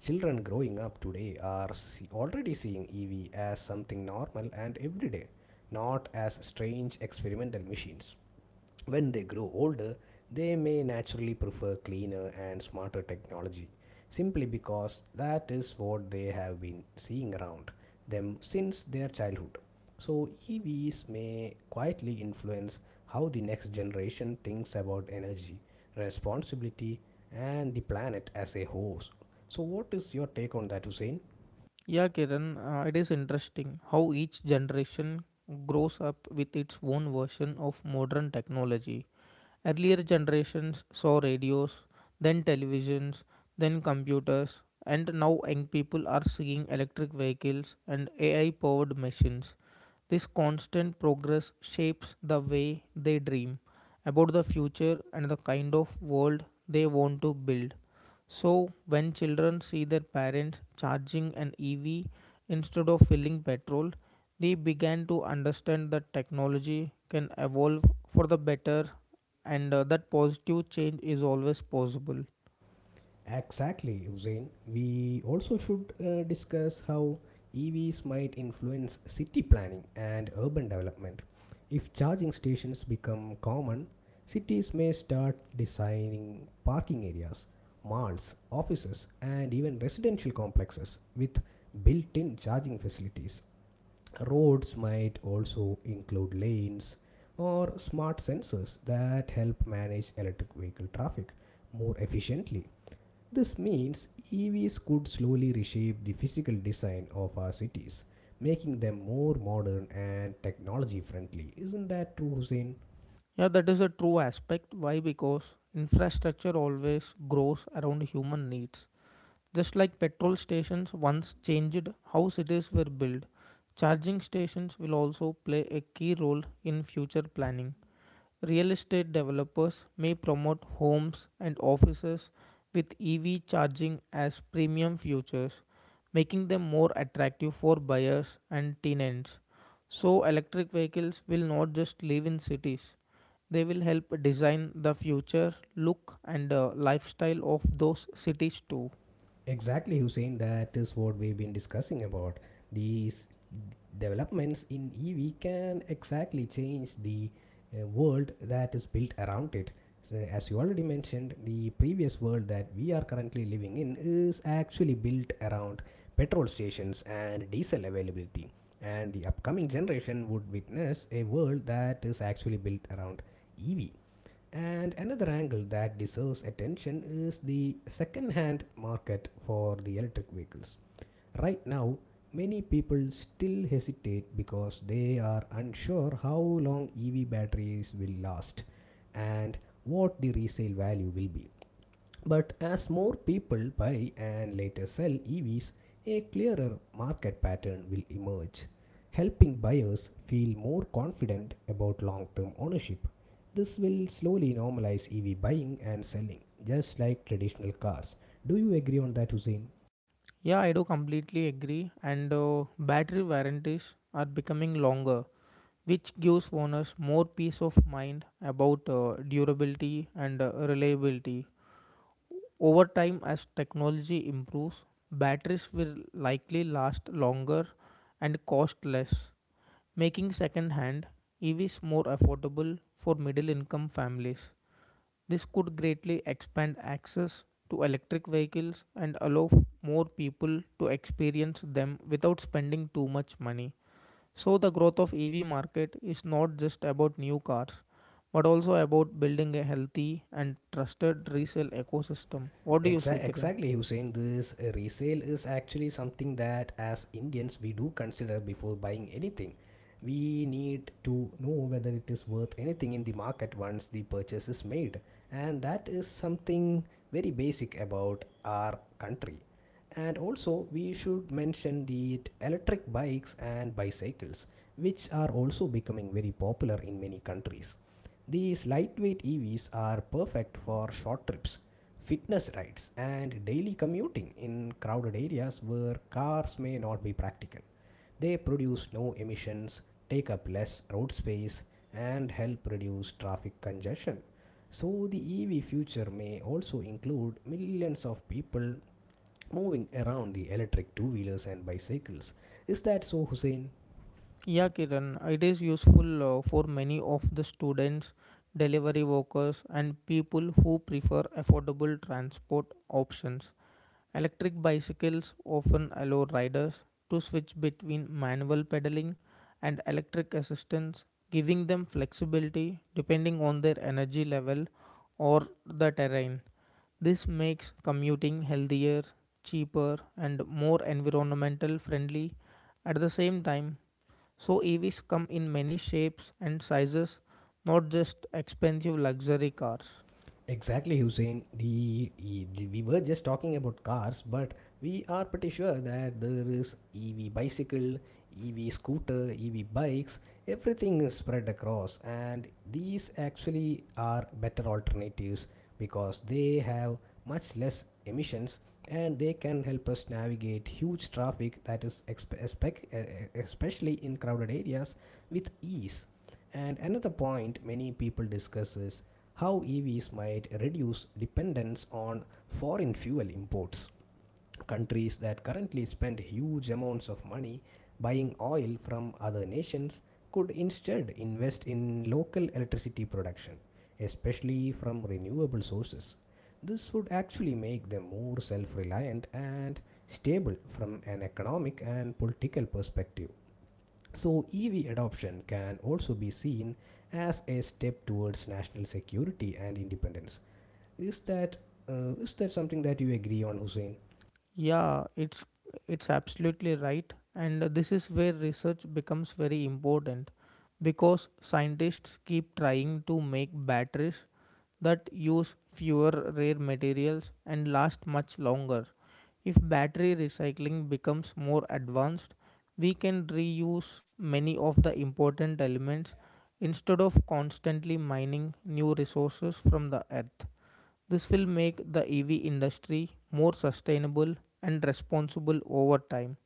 Speaker 1: Children growing up today are already seeing EV as something normal and everyday, not as strange experimental machines. When they grow older, they may naturally prefer cleaner and smarter technology simply because that is what they have been seeing around them since their childhood. So, EVs may quietly influence how the next generation thinks about energy, responsibility, and the planet as a whole. So, what is your take on that, Hussein?
Speaker 2: Yeah, Kiran, it is interesting how each generation grows up with its own version of modern technology. Earlier generations saw radios, then televisions, then computers, and now young people are seeing electric vehicles and AI powered machines. This constant progress shapes the way they dream about the future and the kind of world they want to build. So, when children see their parents charging an EV instead of filling petrol, they began to understand that technology can evolve for the better and that positive change is always possible.
Speaker 1: Exactly, Hussein. We also should discuss how EVs might influence city planning and urban development. If charging stations become common, cities may start designing parking areas, malls, offices, and even residential complexes with built in charging facilities. Roads might also include lanes or smart sensors that help manage electric vehicle traffic more efficiently. This means EVs could slowly reshape the physical design of our cities, making them more modern and technology friendly. Isn't that true, Hussein?
Speaker 2: Yeah, that is a true aspect. Why? Because infrastructure always grows around human needs. Just like petrol stations once changed how cities were built, charging stations will also play a key role in future planning. Real estate developers may promote homes and offices with EV charging as premium features, making them more attractive for buyers and tenants. So, electric vehicles will not just live in cities, they will help design the future look and lifestyle of those cities too.
Speaker 1: Exactly, Hussein. That is what we've been discussing about. These developments in EV can exactly change the world that is built around it. So, as you already mentioned, the previous world that we are currently living in is actually built around petrol stations and diesel availability. And the upcoming generation would witness a world that is actually built around EV. And another angle that deserves attention is the second hand market for the electric vehicles. Right now, many people still hesitate because they are unsure how long EV batteries will last and what the resale value will be. But as more people buy and later sell EVs, a clearer market pattern will emerge, helping buyers feel more confident about long term ownership. This will slowly normalize EV buying and selling, just like traditional cars. Do you agree on that, Hussein?
Speaker 2: Yeah, I do completely agree. And battery warranties are becoming longer, which gives owners more peace of mind about durability and reliability. Over time, as technology improves, batteries will likely last longer and cost less, making second-hand EVs more affordable for middle-income families. This could greatly expand access to electric vehicles and allow more people to experience them without spending too much money. So the growth of EV market is not just about new cars but also about building a healthy and trusted resale ecosystem. What do you say, Kiran?
Speaker 1: Exactly, Hussein. This resale is actually something that, as Indians, we do consider before buying anything. We need to know whether it is worth anything in the market once the purchase is made, and that is something very basic about our country. And also we should mention the electric bikes and bicycles, which are also becoming very popular in many countries. These lightweight evs are perfect for short trips, fitness rides, and daily commuting in crowded areas where cars may not be practical. They produce no emissions, take up less road space, and help reduce traffic congestion. So the EV future may also include millions of people moving around the electric two wheelers and bicycles. Is that so, Hussein?
Speaker 2: Yeah, Kiran, it is useful for many of the students, delivery workers, and people who prefer affordable transport options. Electric bicycles often allow riders to switch between manual pedaling and electric assistance, giving them flexibility depending on their energy level or the terrain. This makes commuting healthier, cheaper, and more environmental friendly at the same time. So, EVs come in many shapes and sizes, not just expensive luxury cars.
Speaker 1: Exactly, Hussein. We were just talking about cars, but we are pretty sure that there is EV bicycle, EV scooter, EV bikes. Everything is spread across, and these actually are better alternatives because they have much less emissions, and they can help us navigate huge traffic that is especially in crowded areas with ease. And another point many people discuss is how EVs might reduce dependence on foreign fuel imports. Countries that currently spend huge amounts of money buying oil from other nations could instead invest in local electricity production, especially from renewable sources. This would actually make them more self reliant and stable from an economic and political perspective. So, EV adoption can also be seen as a step towards national security and independence. Is that is that something that you agree on, Hussein?
Speaker 2: Yeah, it's absolutely right, and this is where research becomes very important because scientists keep trying to make batteries that use fewer rare materials and last much longer. If battery recycling becomes more advanced, we can reuse many of the important elements instead of constantly mining new resources from the earth. This will make the EV industry more sustainable and responsible over time,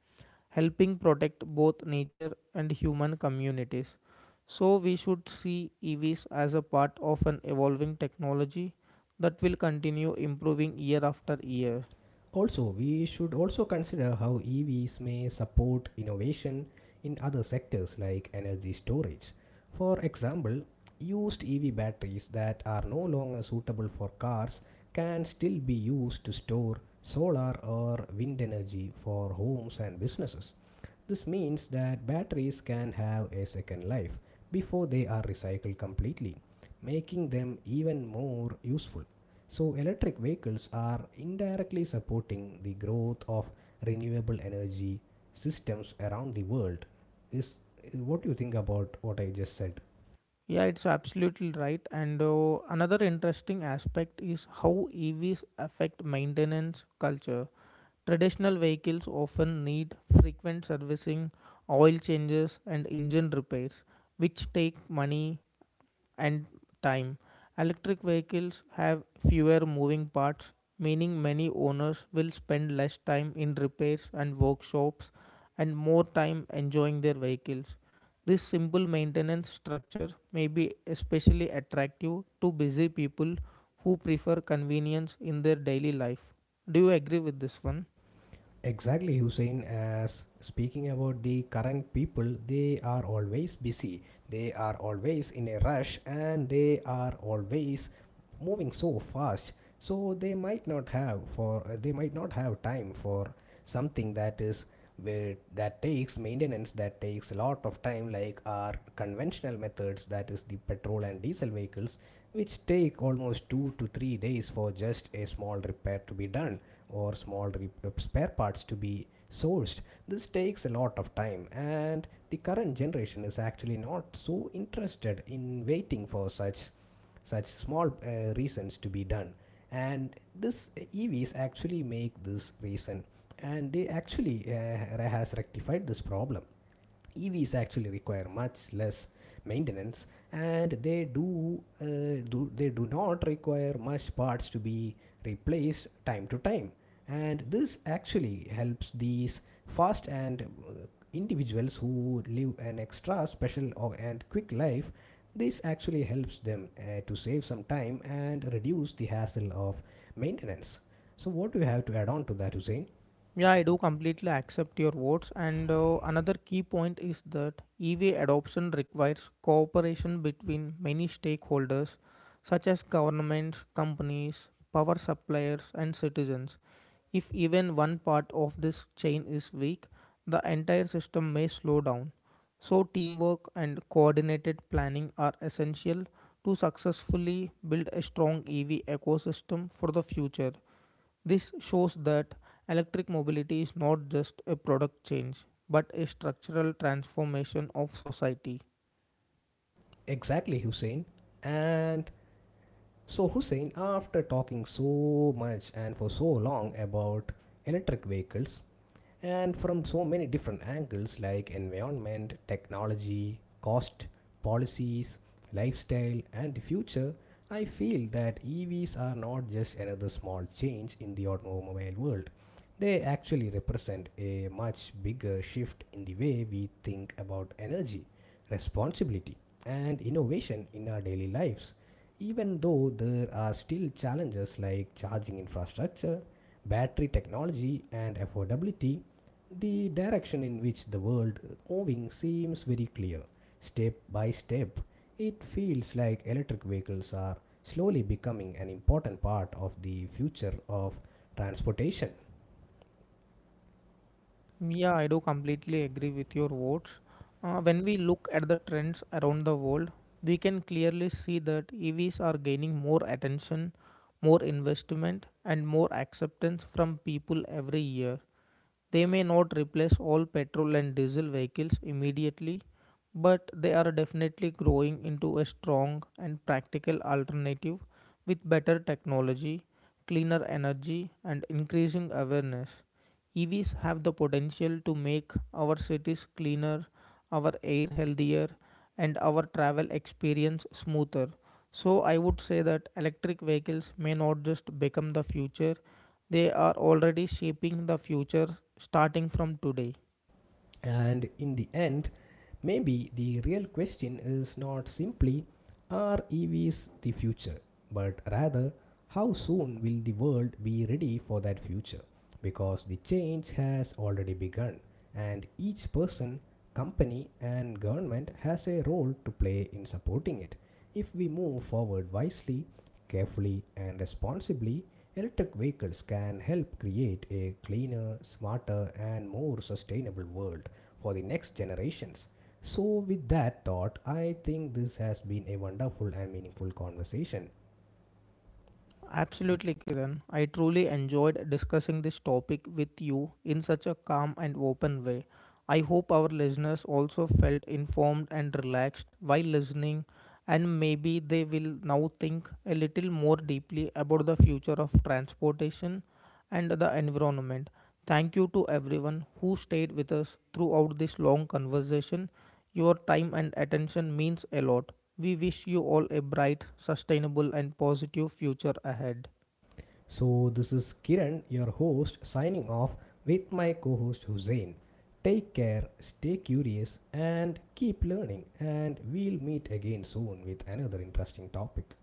Speaker 2: helping protect both nature and human communities. So, we should see EVs as a part of an evolving technology that will continue improving year after year.
Speaker 1: Also, we should also consider how EVs may support innovation in other sectors like energy storage. For example, used EV batteries that are no longer suitable for cars can still be used to store solar or wind energy for homes and businesses. This means that batteries can have a second life before they are recycled completely, making them even more useful. So, electric vehicles are indirectly supporting the growth of renewable energy systems around the world. Is What do you think about what I just said?
Speaker 2: Yeah, it's absolutely right. And another interesting aspect is how EVs affect maintenance culture. Traditional vehicles often need frequent servicing, oil changes, and engine repairs, which take money and time. Electric vehicles have fewer moving parts, meaning many owners will spend less time in repairs and workshops and more time enjoying their vehicles. This simple maintenance structure may be especially attractive to busy people who prefer convenience in their daily life. Do you agree with this one?
Speaker 1: Exactly, Hussein. As speaking about the current people, they are always busy, they are always in a rush, and they are always moving so fast. So, they might not have time for something that is where that takes maintenance, that takes a lot of time, like our conventional methods, that is the petrol and diesel vehicles, which take almost 2 to 3 days for just a small repair to be done, or small spare parts to be sourced. This takes a lot of time, and the current generation is actually not so interested in waiting for such such small reasons to be done. And this evs actually make this reason and they actually has rectified this problem. Evs actually require much less maintenance, and they do not require much parts to be replaced time to time. And this actually helps these fast and uh, individuals who live an extra special or and quick life. This actually helps them to save some time and reduce the hassle of maintenance. So what do you have to add on to that, Hussein?
Speaker 2: Yeah, I do completely accept your words. And another key point is that EV adoption requires cooperation between many stakeholders, such as governments, companies, power suppliers, and citizens. If even one part of this chain is weak, the entire system may slow down. So, teamwork and coordinated planning are essential to successfully build a strong EV ecosystem for the future. This shows that electric mobility is not just a product change, but a structural transformation of society.
Speaker 1: Exactly, Hussein. And so, Hussein, after talking so much and for so long about electric vehicles, and from so many different angles like environment, technology, cost, policies, lifestyle, and the future, I feel that EVs are not just another small change in the automobile world. They actually represent a much bigger shift in the way we think about energy, responsibility, and innovation in our daily lives. Even though there are still challenges like charging infrastructure, battery technology, and affordability, the direction in which the world is moving seems very clear. Step by step, it feels like electric vehicles are slowly becoming an important part of the future of transportation.
Speaker 2: Yeah, I do completely agree with your words. When we look at the trends around the world, we can clearly see that EVs are gaining more attention, more investment, and more acceptance from people every year. They may not replace all petrol and diesel vehicles immediately, but they are definitely growing into a strong and practical alternative with better technology, cleaner energy, and increasing awareness. EVs have the potential to make our cities cleaner, our air healthier, and our travel experience smoother. So, I would say that electric vehicles may not just become the future, they are already shaping the future starting from today.
Speaker 1: And in the end, maybe the real question is not simply, are EVs the future, but rather, how soon will the world be ready for that future? Because the change has already begun, and each person, company, and government has a role to play in supporting it. If we move forward wisely, carefully, and responsibly, electric vehicles can help create a cleaner, smarter, and more sustainable world for the next generations. So, with that thought, I think this has been a wonderful and meaningful conversation.
Speaker 2: Absolutely, Kiran. I truly enjoyed discussing this topic with you in such a calm and open way. I hope our listeners also felt informed and relaxed while listening, and maybe they will now think a little more deeply about the future of transportation and the environment. Thank you to everyone who stayed with us throughout this long conversation. Your time and attention means a lot. We wish you all a bright, sustainable, and positive future ahead.
Speaker 1: So, this is Kiran, your host, signing off with my co host Hussein. Take care, stay curious, and keep learning. And we'll meet again soon with another interesting topic.